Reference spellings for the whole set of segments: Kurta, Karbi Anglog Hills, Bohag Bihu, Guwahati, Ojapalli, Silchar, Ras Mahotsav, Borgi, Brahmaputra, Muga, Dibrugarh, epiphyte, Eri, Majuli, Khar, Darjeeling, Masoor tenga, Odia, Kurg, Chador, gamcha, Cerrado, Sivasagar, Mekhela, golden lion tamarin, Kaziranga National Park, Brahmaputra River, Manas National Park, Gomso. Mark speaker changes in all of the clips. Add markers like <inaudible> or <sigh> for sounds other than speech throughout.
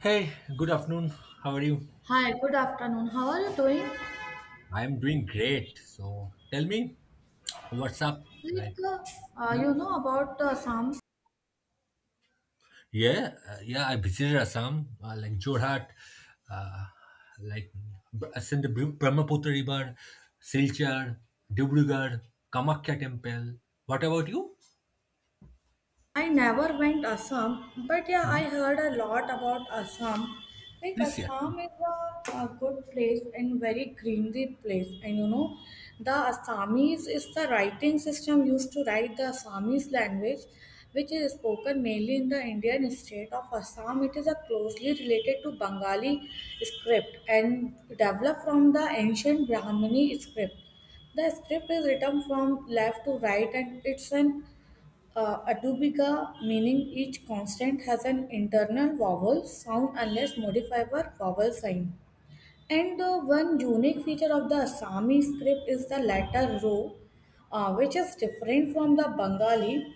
Speaker 1: Hey, good afternoon. How are you?
Speaker 2: Hi, good afternoon. How are you doing?
Speaker 1: I am doing great. So tell me, what's up?
Speaker 2: Like,
Speaker 1: Like,
Speaker 2: you know about Assam?
Speaker 1: yeah, yeah. I visited Assam, like Jorhat, uh, like ascend the Brahmaputra River, Silchar, Dibrugarh, Kamakhya Temple. What about you?
Speaker 2: I never went Assam, but yeah, I
Speaker 1: Mhm.
Speaker 2: heard a lot about Assam. Like
Speaker 1: This year?
Speaker 2: Assam is a good place and very greenery place. The Assamese is the writing system used to write the Assamese language, which is spoken mainly in the Indian state of Assam. It is a closely related to Bengali script and developed from the ancient Brahmani script. The script is written from left to right and it's an atubica, meaning each constant has an internal vowel sound unless modified by vowel sign. And the one unique feature of the Assami script is the letter row, which is different from the Bengali.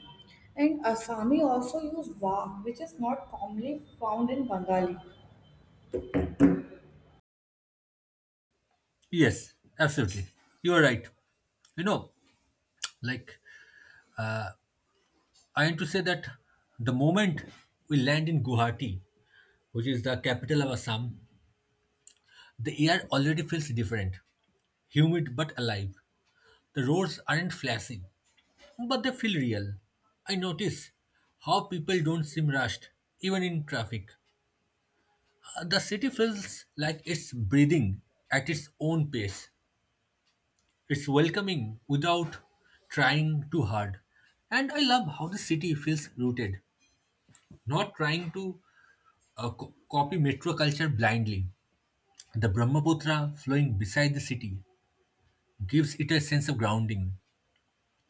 Speaker 2: And Assami also use va, which is not commonly found in Bengali.
Speaker 1: Yes, absolutely. You are right. You know, like I want to say that the moment we land in Guwahati, which is the capital of Assam, the air already feels different, humid but alive. The roads aren't flashy, but they feel real. I notice how people don't seem rushed, even in traffic. The city feels like it's breathing at its own pace. It's welcoming without trying too hard. And I love how the city feels rooted, not trying to copy metro culture blindly. The Brahmaputra flowing beside the city gives it a sense of grounding.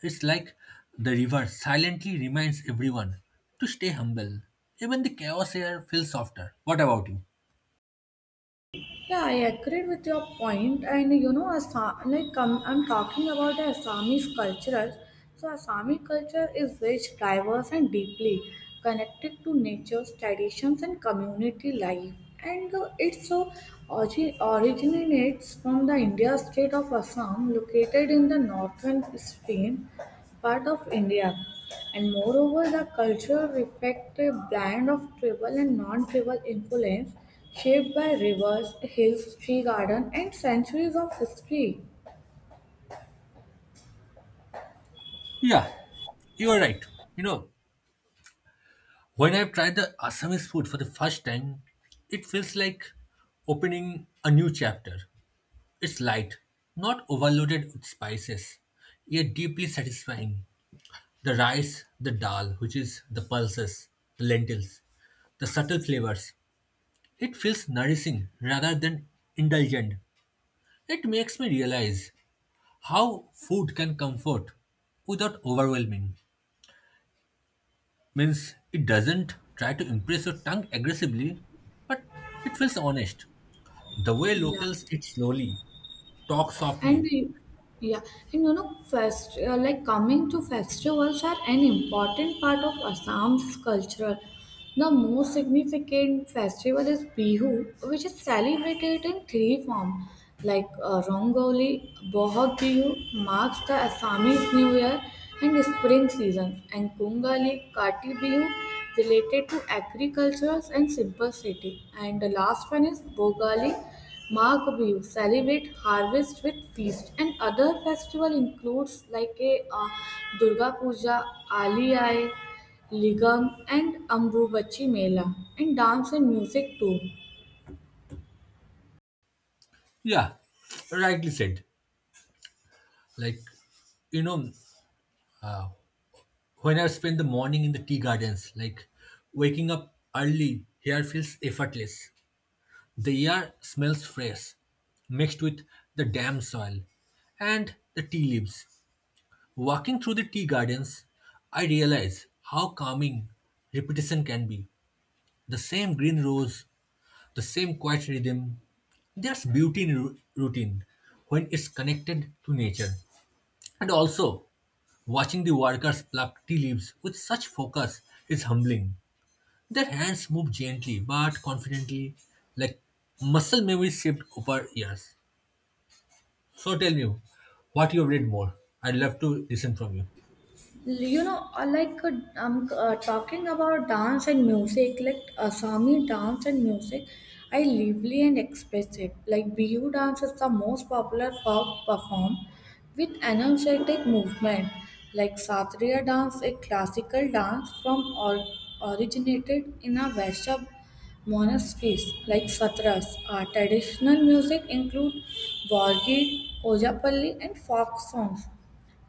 Speaker 1: It's like the river silently reminds everyone to stay humble. Even the chaos here feels softer. What about you?
Speaker 2: Yeah, I agree with your point. And Assam, like I'm talking about the Assamese culture. So, Assami culture is rich, diverse, and deeply connected to nature's traditions and community life. And it so originates from the India state of Assam, located in the northern Spain part of India. And moreover, the culture reflects a blend of tribal and non-tribal influence shaped by rivers, hills, tree garden, and centuries of history.
Speaker 1: Yeah, you are right. You know, when I've tried the Assamese food for the first time, it feels like opening a new chapter. It's light, not overloaded with spices, yet deeply satisfying. The rice, the dal, which is the pulses, the lentils, the subtle flavors. It feels nourishing rather than indulgent. It makes me realize how food can comfort without overwhelming. Means it doesn't try to impress your tongue aggressively, but it feels honest. The way
Speaker 2: Yeah.
Speaker 1: locals eat slowly, talk
Speaker 2: And
Speaker 1: softly.
Speaker 2: yeah, and like coming to festivals are an important part of Assam's culture. The most significant festival is Bihu, which is celebrated in three forms. Like Rongoli, Bohag Bihu marks the Assamese New Year and spring season, and Kungali, Kati Bihu related to agriculture and simple city. And the last one is Bogali, Magbihu celebrate harvest with feast and other festival includes like a Durga Puja, Aliyai, Ligam and Ambubachi Mela and dance and music too.
Speaker 1: Yeah, rightly said. Like, you know, uh, when I spend the morning in the tea gardens, like waking up early here feels effortless. The air smells fresh, mixed with the damp soil and the tea leaves. Walking through the tea gardens, I realize how calming repetition can be. The same green rose, the same quiet rhythm. There's beauty in routine when it's connected to nature. And also, watching the workers pluck tea leaves with such focus is humbling. Their hands move gently but confidently, like muscle memory shaped over years. So tell me what you have read more. I'd love to listen from you.
Speaker 2: you know uh, like uh, I'm talking about dance and music like Assamese dance and music I lively and expressive like bihu dance is the most popular folk perform with energetic movement like satriya dance a classical dance from or originated in a vaishya monasteries like satras our traditional music include Borgi, Ojapalli and folk songs.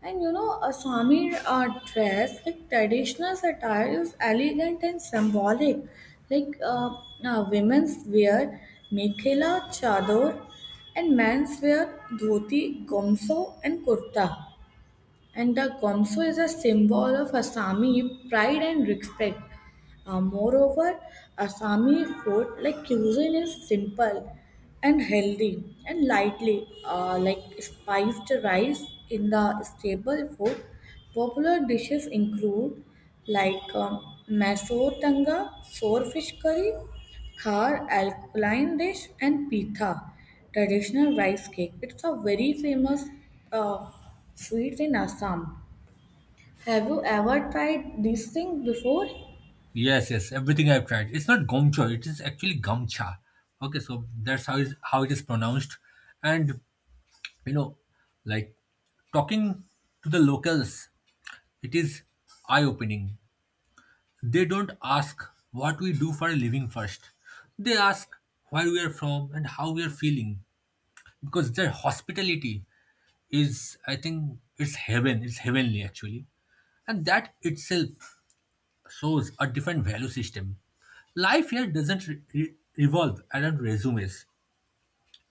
Speaker 2: And a Swami dress, like traditional attire, is elegant and symbolic. Like women's wear mekhela, chador, and men's wear dhoti, gomso, and kurta. And the Gomso is a symbol of Assami pride and respect. Moreover, Assami food like cuisine is simple and healthy and lightly, like spiced rice in the staple food. Popular dishes include like maso tanga, sour fish curry, Khar, alkaline dish, and pitha, traditional rice cake. It's a very famous uh, sweet in Assam. Have you ever tried this thing before?
Speaker 1: Yes, yes, everything I've tried. It's not gomcha, it is actually gamcha. Okay, so that's how is how it is pronounced. And you know, like talking to the locals, it is eye-opening. They don't ask what we do for a living first. They ask where we are from and how we are feeling. Because their hospitality is, I think, it's heaven, it's heavenly actually. And that itself shows a different value system. Life here doesn't revolve around resumes.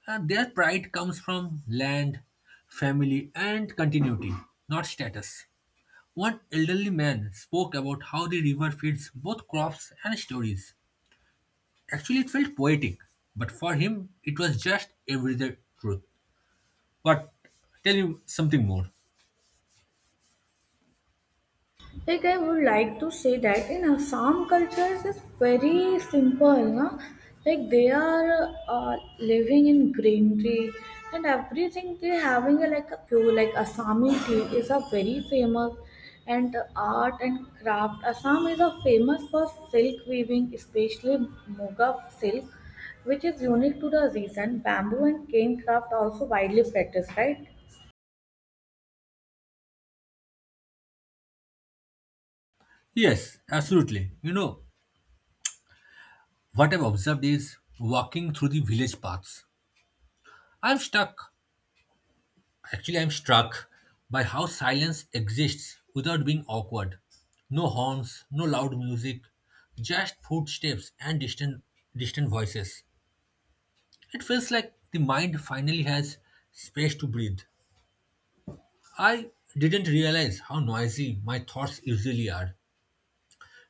Speaker 1: And their pride comes from land, family, and continuity, not status. One elderly man spoke about how the river feeds both crops and stories. Actually, it felt poetic, but for him, it was just everyday truth. But tell you something more.
Speaker 2: Like I would like to say that in Assam cultures it's very simple, no? Like they are living in greenery and everything they having like a pure like Assami tea is a very famous and art and craft. Assam is a famous for silk weaving, especially Muga silk, which is unique to the region. Bamboo and cane craft also widely practiced, right?
Speaker 1: Yes, absolutely. You know, what I've observed is walking through the village paths. I'm stuck Actually, I'm struck by how silence exists without being awkward. No horns, no loud music, just footsteps and distant voices. It feels like the mind finally has space to breathe. I didn't realize how noisy my thoughts usually are.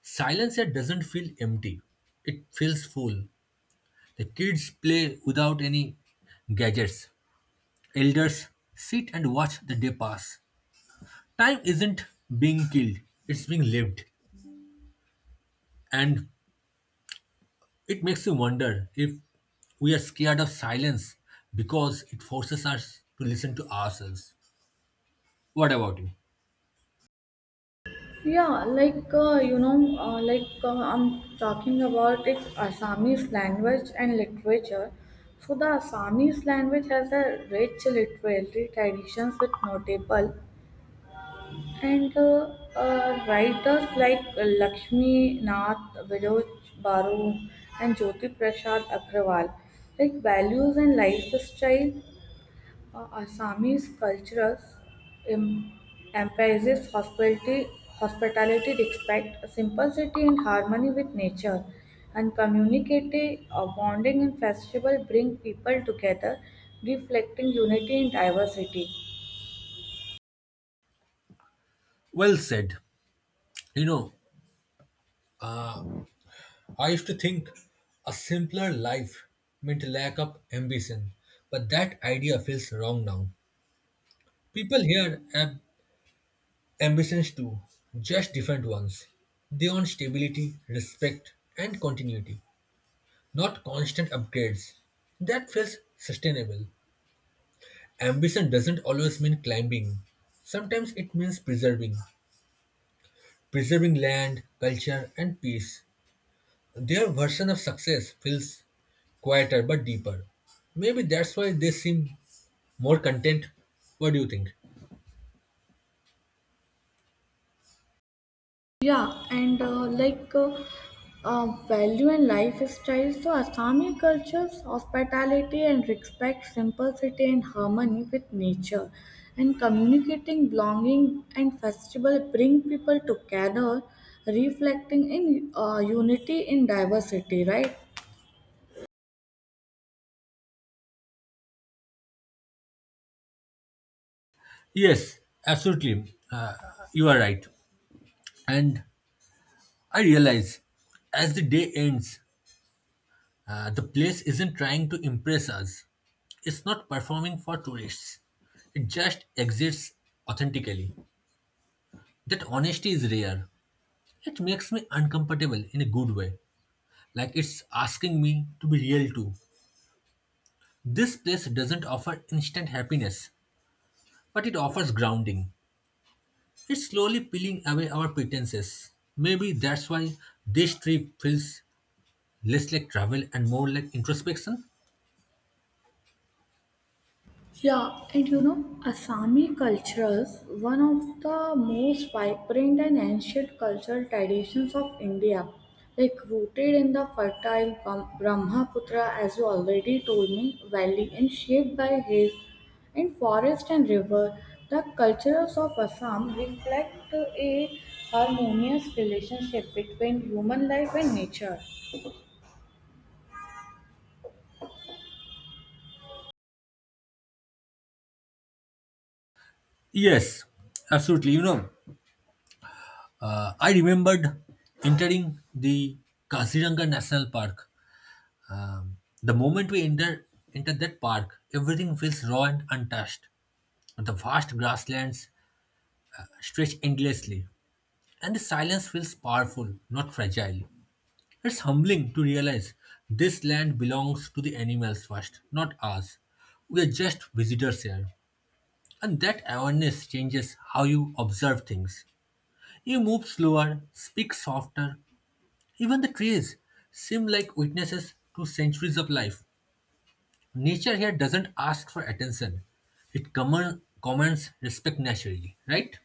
Speaker 1: Silence here doesn't feel empty. It feels full. The kids play without any gadgets. Elders sit and watch the day pass. Time isn't being killed, it's being lived. And it makes you wonder if we are scared of silence because it forces us to listen to ourselves. What about you?
Speaker 2: Yeah, I'm talking about its Assamese language and literature. So the Assamese language has a rich literary traditions with notable and writers like Lakshmi Nath Viroj Baru and Jyoti Prasad Agrawal. Like values and lifestyle Assamese cultural em- emphasizes hospitality, respect, simplicity, and harmony with nature, and communicative bonding and festival bring people together, reflecting unity and diversity.
Speaker 1: Well said. You know, I used to think a simpler life meant lack of ambition, but that idea feels wrong now. People here have ambitions too, just different ones. They want stability, respect, and continuity, not constant upgrades. That feels sustainable. Ambition doesn't always mean climbing, sometimes it means preserving. Preserving land, culture, and peace. Their version of success feels quieter but deeper. Maybe that's why they seem more content. What do you think?
Speaker 2: Yeah, and value and lifestyle, so Assami cultures, hospitality and respect, simplicity and harmony with nature, and communicating, belonging, and festival bring people together, reflecting in unity in diversity, right?
Speaker 1: Yes, absolutely. You are right. And I realize as the day ends, the place isn't trying to impress us. It's not performing for tourists. It just exists authentically. That honesty is rare. It makes me uncomfortable in a good way. Like it's asking me to be real too. This place doesn't offer instant happiness, but it offers grounding. It's slowly peeling away our pretenses. Maybe that's why this trip feels less like travel and more like introspection?
Speaker 2: Yeah, and Assami cultures one of the most vibrant and ancient cultural traditions of India, like rooted in the fertile Brahmaputra, as you already told me, valley, and shaped by hills and forest and river. The cultures of Assam reflect a harmonious relationship between human life and nature.
Speaker 1: Yes, absolutely. You know, I remembered entering the Kaziranga National Park. Um, the moment we enter that park, everything feels raw and untouched. The vast grasslands stretch endlessly, and the silence feels powerful, not fragile. It's humbling to realize this land belongs to the animals first, not us. We are just visitors here. And that awareness changes how you observe things. You move slower, speak softer. Even the trees seem like witnesses to centuries of life. Nature here doesn't ask for attention. It commands respect naturally, right?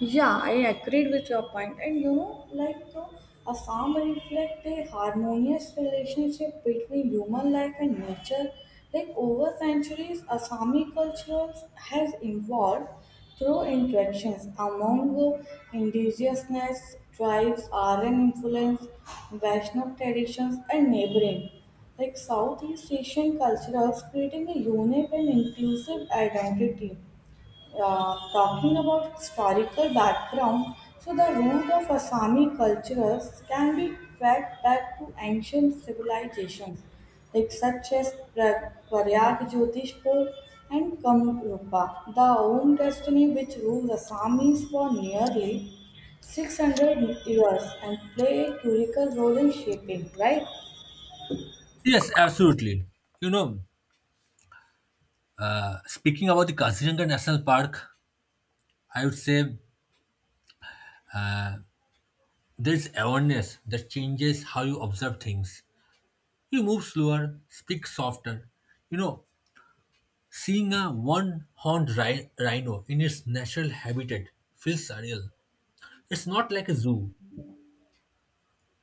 Speaker 2: Yeah, I agreed with your point. And a farm reflects a harmonious relationship between human life and nature. Like over centuries, Assami culture has evolved through interactions among the indigenous tribes, Aryan influence, Vaishnav traditions, and neighboring. Like Southeast Asian cultures, creating a unique and inclusive identity. Talking about historical background, so the root of Assami cultures can be tracked back to ancient civilizations like such as Prayag, Jyotishpur and Kamrupa. The own destiny which rules Assamese for nearly 600 years and play a critical role in shaping, right?
Speaker 1: Yes, absolutely. You know, speaking about the Kaziranga National Park, I would say there's awareness that changes how you observe things. You move slower, speak softer. You know, seeing a one horned rhino in its natural habitat feels surreal. It's not like a zoo,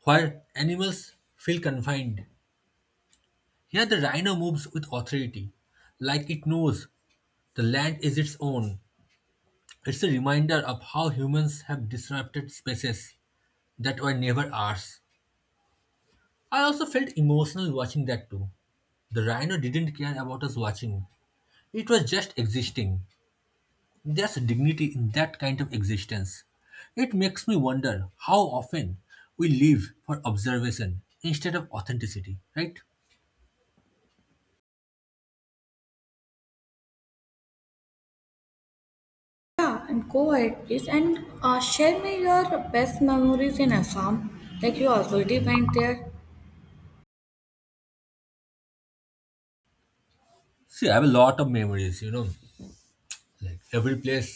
Speaker 1: where animals feel confined, here the rhino moves with authority, like it knows the land is its own. It's a reminder of how humans have disrupted spaces that were never ours. I also felt emotional watching that too. The rhino didn't care about us watching, it was just existing. There's a dignity in that kind of existence. It makes me wonder how often we live for observation instead of authenticity, right?
Speaker 2: Yeah, and go ahead, please. And share me your best memories in Assam that you already went there.
Speaker 1: See, I have a lot of memories, you know, like every place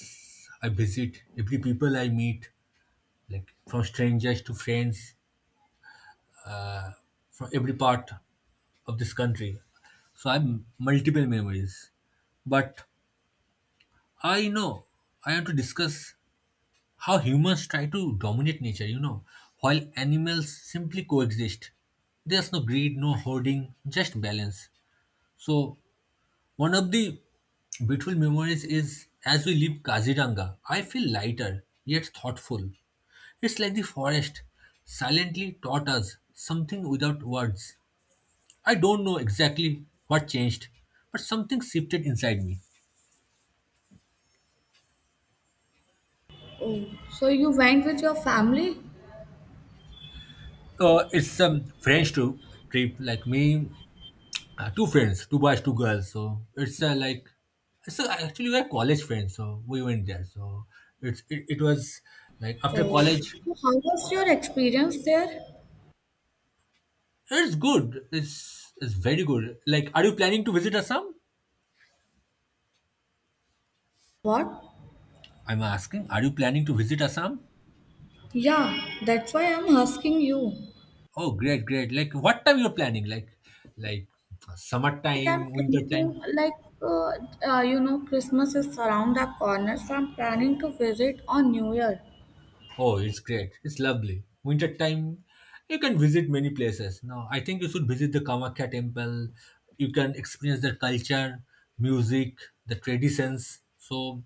Speaker 1: I visit, every people I meet, like from strangers to friends, from every part of this country. So I have multiple memories, but I know I want to discuss how humans try to dominate nature, you know, while animals simply coexist. There's no greed, no hoarding, just balance. So one of the beautiful memories is as we leave Kaziranga, I feel lighter yet thoughtful. It's like the forest silently taught us something without words. I don't know exactly what changed, but something shifted inside me.
Speaker 2: Oh, so you went with your family?
Speaker 1: It's a French trip, like me, two friends, two boys, two girls. So it's actually we're college friends. So we went there. So it was like after
Speaker 2: Oh,
Speaker 1: college.
Speaker 2: so how was your experience there?
Speaker 1: It's good. It's very good. Like, are you planning to visit Assam?
Speaker 2: What?
Speaker 1: I'm asking, are you planning to visit Assam?
Speaker 2: Yeah, that's why I'm asking you.
Speaker 1: Oh, great, great. Like, what time you're planning? Like
Speaker 2: Like I'm
Speaker 1: summertime, winter time.
Speaker 2: thinking, uh, Christmas is around the corner, so I'm planning to visit on New Year.
Speaker 1: Oh, it's great. It's lovely. Winter time, you can visit many places. No, I think you should visit the Kamakhya temple. You can experience the culture, music, the traditions. So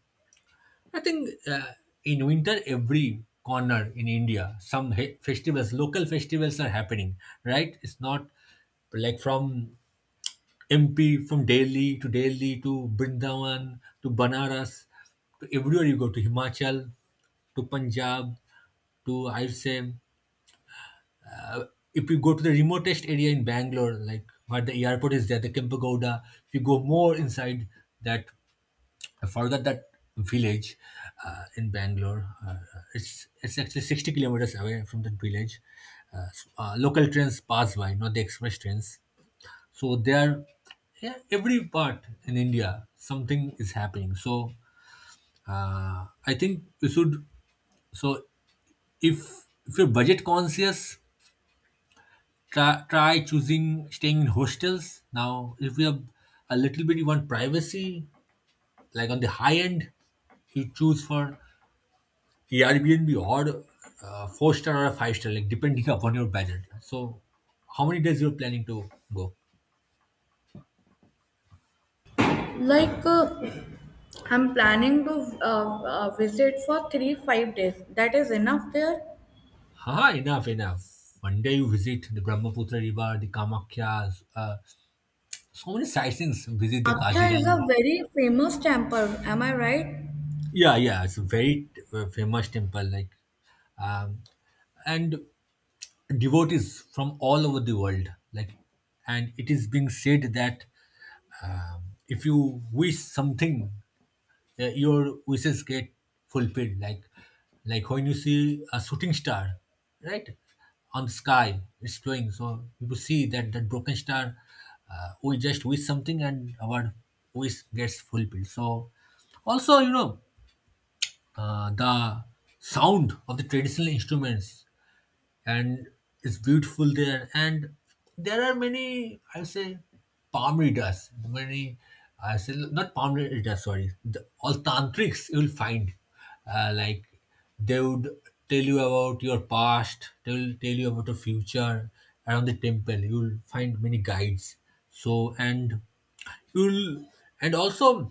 Speaker 1: I think in winter, every corner in India, some festivals, local festivals are happening, right? It's not like from MP, from Delhi to Brindavan to Banaras to everywhere, you go to Himachal to Punjab to, I'll say, if you go to the remotest area in Bangalore, like where the airport is there, the Kempegowda, if you go more inside that, further that village in Bangalore, it's actually 60 kilometers away from that village. Local trains pass by, not the express trains. So there, yeah, every part in India, something is happening. So I think you should. So if you're budget conscious, try choosing staying in hostels. Now, if you have a little bit, you want privacy, like on the high end, you choose for Airbnb or four star or five-star, like depending <laughs> upon your budget. So, how many days you're planning to go?
Speaker 2: Like I'm planning to visit for 3-5 days. That is enough there.
Speaker 1: Haha, enough, enough. One day you visit the Brahmaputra River, the Kamakhya, so many sightings. Visit the
Speaker 2: Aksha is
Speaker 1: Kaziranga.
Speaker 2: a very famous temple. Am I right?
Speaker 1: Yeah, yeah, it's a very famous temple. Like, um, and devotees from all over the world. Like, and it is being said that if you wish something, your wishes get fulfilled, like when you see a shooting star, right, on the sky it's glowing. So you see that broken star, we just wish something and our wish gets fulfilled. So also, you know, the sound of the traditional instruments, and it's beautiful there. And there are many, I say, palm readers, many, I say, not palm readers, sorry, the, all tantrics you will find. Like they would tell you about your past, they will tell you about your future around the temple. You will find many guides. So, and you'll, and also,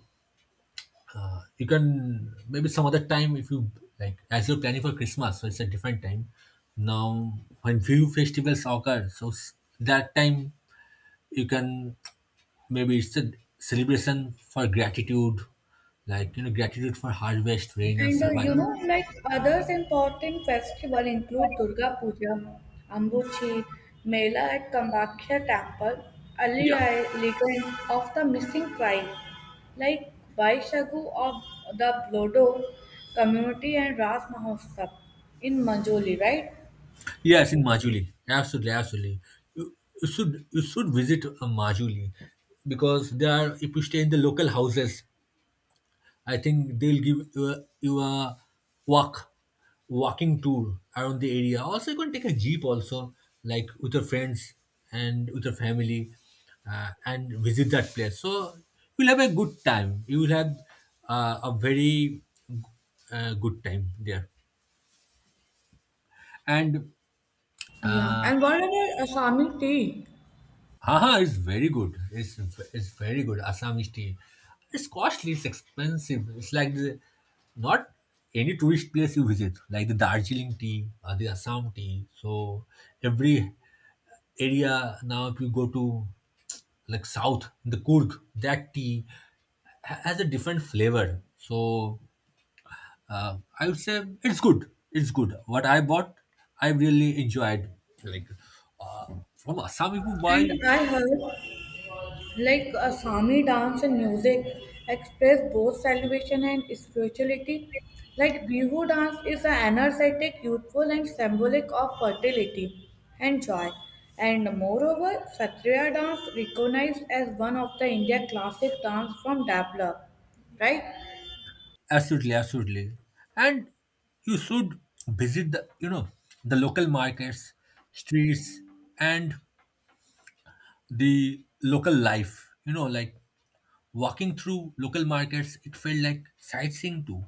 Speaker 1: you can maybe some other time, if you like, as you're planning for Christmas, so it's a different time. Now when few festivals occur, so that time you can, maybe it's a celebration for gratitude, like you know, gratitude for harvest, rain, and
Speaker 2: And
Speaker 1: survival.
Speaker 2: like others important festival include Durga Puja, Ambuchi, Mela at Kambakhya Temple, Ali
Speaker 1: Yeah,
Speaker 2: I legend of the Missing Tribe, like Vaishagu of the Blodo community and Ras Mahotsav in Manjoli, right?
Speaker 1: yes, in Majuli, absolutely, absolutely. You, you should visit Majuli because there are, if you stay in the local houses, I think they'll give you a, you a walk, walking tour around the area. Also, you can take a jeep also, like with your friends and with your family, and visit that place. So you'll have a good time. You will have a very good time there. And
Speaker 2: Yeah,
Speaker 1: uh,
Speaker 2: and what about Asami tea?
Speaker 1: Haha, it's very good. It's very good. Assamese tea. It's costly. It's expensive. It's like the not any tourist place you visit, like the Darjeeling tea or the Assam tea. So every area now, if you go to like south, the Kurg, that tea has a different flavor. So I would say it's good. It's good. What I bought, I really enjoyed. Like uh, from Assam, if you
Speaker 2: And
Speaker 1: buy
Speaker 2: I heard like Asami dance and music express both celebration and spirituality. Like Bihu dance is an energetic, youthful, and symbolic of fertility and joy. And moreover, Satriya dance recognized as one of the India classic dance from develop. Right?
Speaker 1: absolutely, absolutely. And you should visit the, you know, the local markets, streets, and the local life. You know, like walking through local markets, it felt like sightseeing too.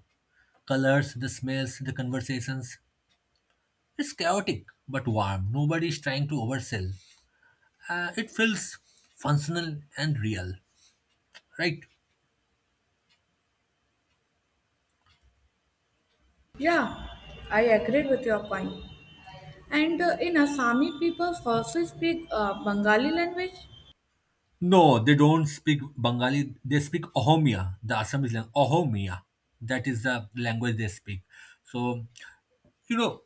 Speaker 1: Colors, the smells, the conversations. It's chaotic but warm. Nobody is trying to oversell. It feels functional and real, right?
Speaker 2: Yeah, I agree with your point. And in Assami, people also speak Bengali language.
Speaker 1: No, they don't speak Bengali. They speak Ohomia, the Assamese language. Ohomia, that is the language they speak. So, you know,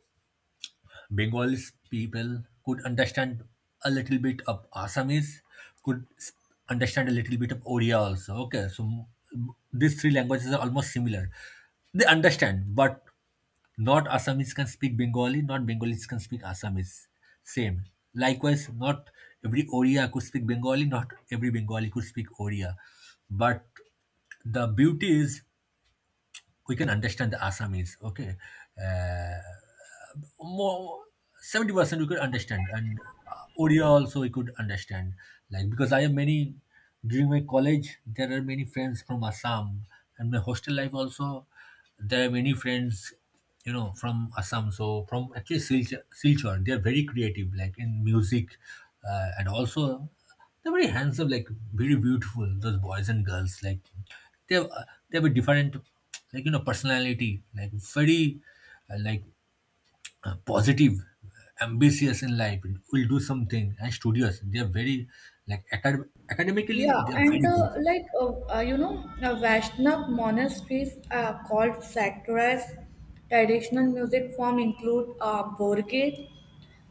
Speaker 1: Bengalis people could understand a little bit of Assamese, could s- understand a little bit of Odia also. Okay, so these three languages are almost similar. They understand, but not Assamese can speak Bengali, not Bengalis can speak Assamese. Same. Likewise, not every Odia could speak Bengali, not every Bengali could speak Odia. But the beauty is we can understand the Assamese, okay? Uh, More 70% we could understand, and Odia also we could understand. Like, because I have many, during my college, there are many friends from Assam, and my hostel life also, there are many friends, you know, from Assam. So, from at least Silchar, they are very creative, like in music, and also they're very handsome, like very beautiful, those boys and girls, like they have uh, they have a different, like, you know, personality, like very like positive, ambitious in life, will do something, and studious. They are very like academically
Speaker 2: Yeah,
Speaker 1: they are very
Speaker 2: and
Speaker 1: good.
Speaker 2: Vaishnav monasteries called sanctuaries. Traditional music form include Borge,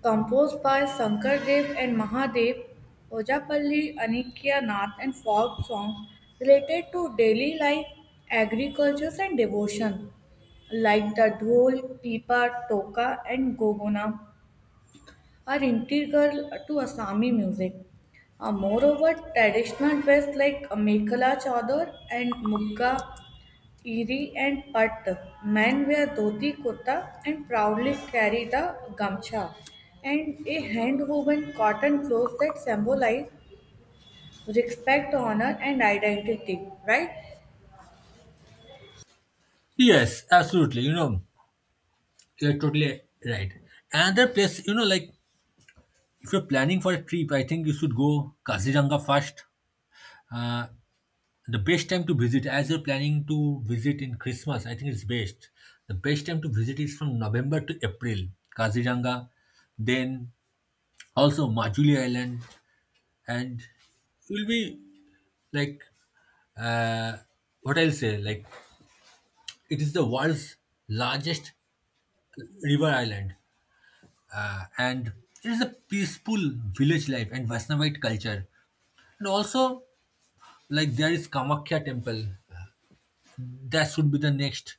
Speaker 2: composed by Shankar Dev and Mahadev, Ojapalli, Anikya Nath, and folk song related to daily life, agriculture, and devotion, like the dhol, pipa, toka, and gogona are integral to Assami music. Moreover, traditional dress like Mekhala Chador and Mugga, Eri and Pat, men wear dhoti kurta and proudly carry the gamcha and a hand-woven cotton clothes that symbolize respect, honor and identity, right?
Speaker 1: Yes, absolutely, you know, you're totally right. Another place, you know, like if you're planning for a trip, I think you should go Kaziranga first. uh, The best time to visit, as you're planning to visit in Christmas, I think it's best. The best time to visit is from November to April, Kaziranga, then also Majuli Island, and you'll be like, uh, what I'll say, like, it is the world's largest river island, and it is a peaceful village life and Vaishnavite culture. And also, like, there is Kamakya temple, that should be the next.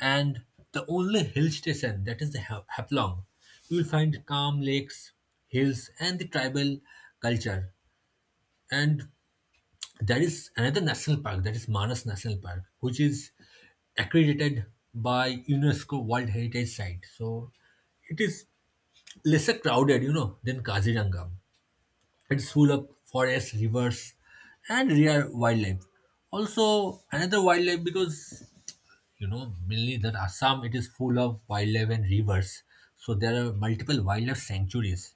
Speaker 1: And the only hill station that is the Haflong. You will find calm lakes, hills, and the tribal culture. And there is another national park that is Manas National Park, which is accredited by UNESCO World Heritage Site. So it is lesser crowded, you know, than Kaziranga. It's full of forests, rivers, and rare wildlife. Also, another wildlife, because you know mainly that Assam, it is full of wildlife and rivers, so there are multiple wildlife sanctuaries,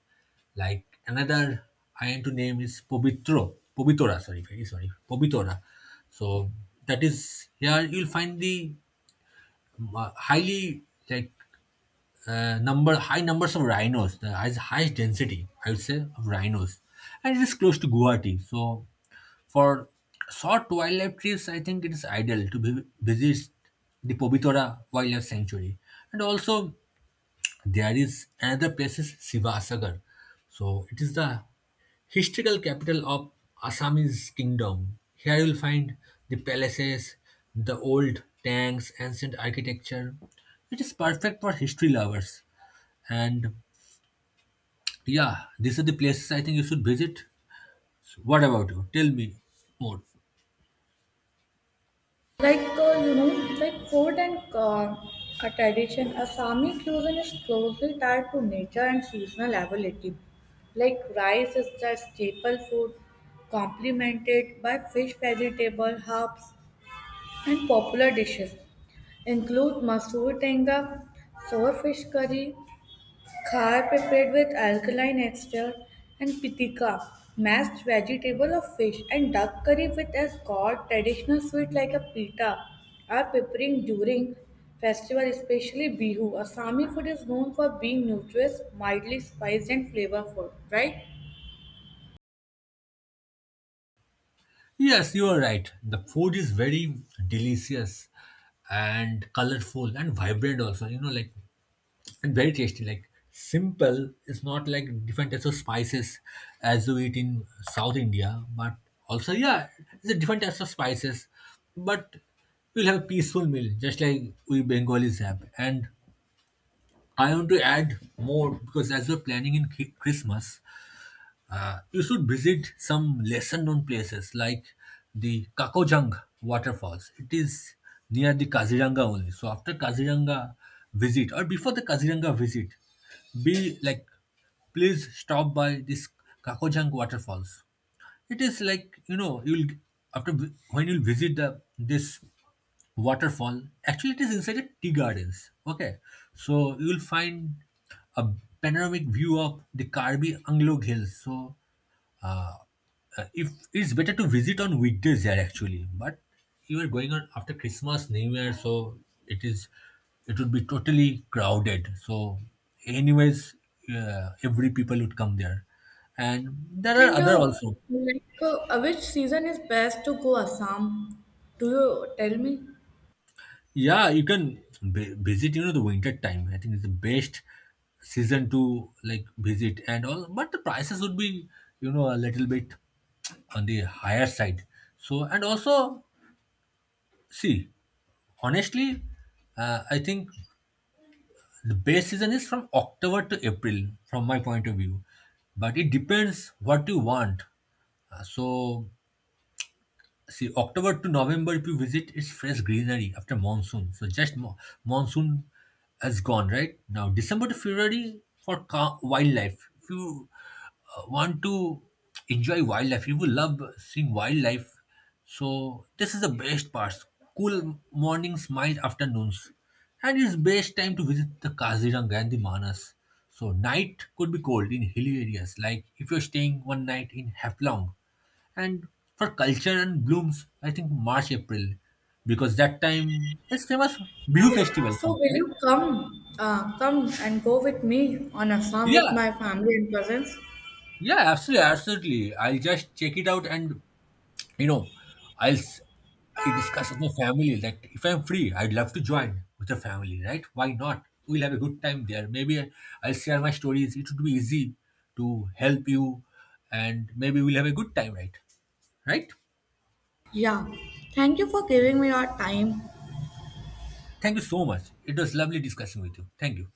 Speaker 1: like another I am to name is pobitro Pobitora, sorry, very sorry, Pobitora. So that is here you'll find the highly, like, number high numbers of rhinos, the highest, highest density, I would say, of rhinos, and it is close to Guwahati. So, for short wildlife trips, I think it is ideal to visit the Pobitora Wildlife Sanctuary, and also there is another place is Sivasagar. So, it is the historical capital of Assamese kingdom. Here you will find the palaces, the old tanks, ancient architecture. It is perfect for history lovers, and yeah, these are the places I think you should visit. So what about you? Tell me more.
Speaker 2: Like uh, you know, like food and a tradition, Assami cuisine is closely tied to nature and seasonal availability. Like rice is the staple food, complemented by fish, vegetable, herbs, and popular dishes include masoor tenga, sour fish curry, Khar prepared with alkaline extract and pitika, mashed vegetable or fish, and duck curry with as god traditional sweet like a pita are preparing during festival, especially Bihu. Assami food is known for being nutritious, mildly spiced, and flavorful, right?
Speaker 1: Yes, you are right. The food is very delicious and colorful and vibrant also, you know, like, and very tasty. Like simple, is not like different types of spices as you eat in South India, but also yeah, it's a different types of spices. But we'll have a peaceful meal just like we bengalis have. And I want to add more because as we're planning in Christmas, you should visit some lesser known places like the Kakojang waterfalls. It is near the Kaziranga only. So after Kaziranga visit or before the Kaziranga visit, be like, please stop by this Kakojang waterfalls. It is like, you know, you'll after when you'll visit the this waterfall. Actually, it is inside a tea gardens. Okay, so you'll find a panoramic view of the Karbi Anglog Hills. So uh, if it's better to visit on weekdays there actually, but you are going on after Christmas new year, so it is, it would be totally crowded, so anyways, every people would come there, and there are
Speaker 2: And
Speaker 1: other also.
Speaker 2: which season is best to go Assam? Do you tell me?
Speaker 1: Yeah, you can visit. You know, the winter time. I think it's the best season to like visit and all. But the prices would be, you know, a little bit on the higher side. So and also, see, honestly, I think the best season is from October to April, from my point of view. But it depends what you want. So see, October to November, if you visit, it's fresh greenery after monsoon. So just monsoon has gone, right? Now, December to February for wildlife. If you want to enjoy wildlife, you will love seeing wildlife. So this is the best part. Cool mornings, mild afternoons. And it's best time to visit the Kaziranga and the Manas. So night could be cold in hilly areas, like if you're staying one night in Haflong. And for culture and blooms, I think March, April, because that time it's famous Bihu festival
Speaker 2: So
Speaker 1: comes,
Speaker 2: will
Speaker 1: right?
Speaker 2: you come and go with me on Assam
Speaker 1: Yeah,
Speaker 2: with my family and cousins?
Speaker 1: yeah, absolutely, absolutely. I'll just check it out, and you know, I'll s- I'll discuss with my family. Like if I'm free, I'd love to join with the family, right? Why not? We'll have a good time there. Maybe I'll share my stories. It would be easy to help you, and maybe we'll have a good time, right? Right?
Speaker 2: Yeah, thank you for giving me your time.
Speaker 1: Thank you so much. It was lovely discussing with you. Thank you.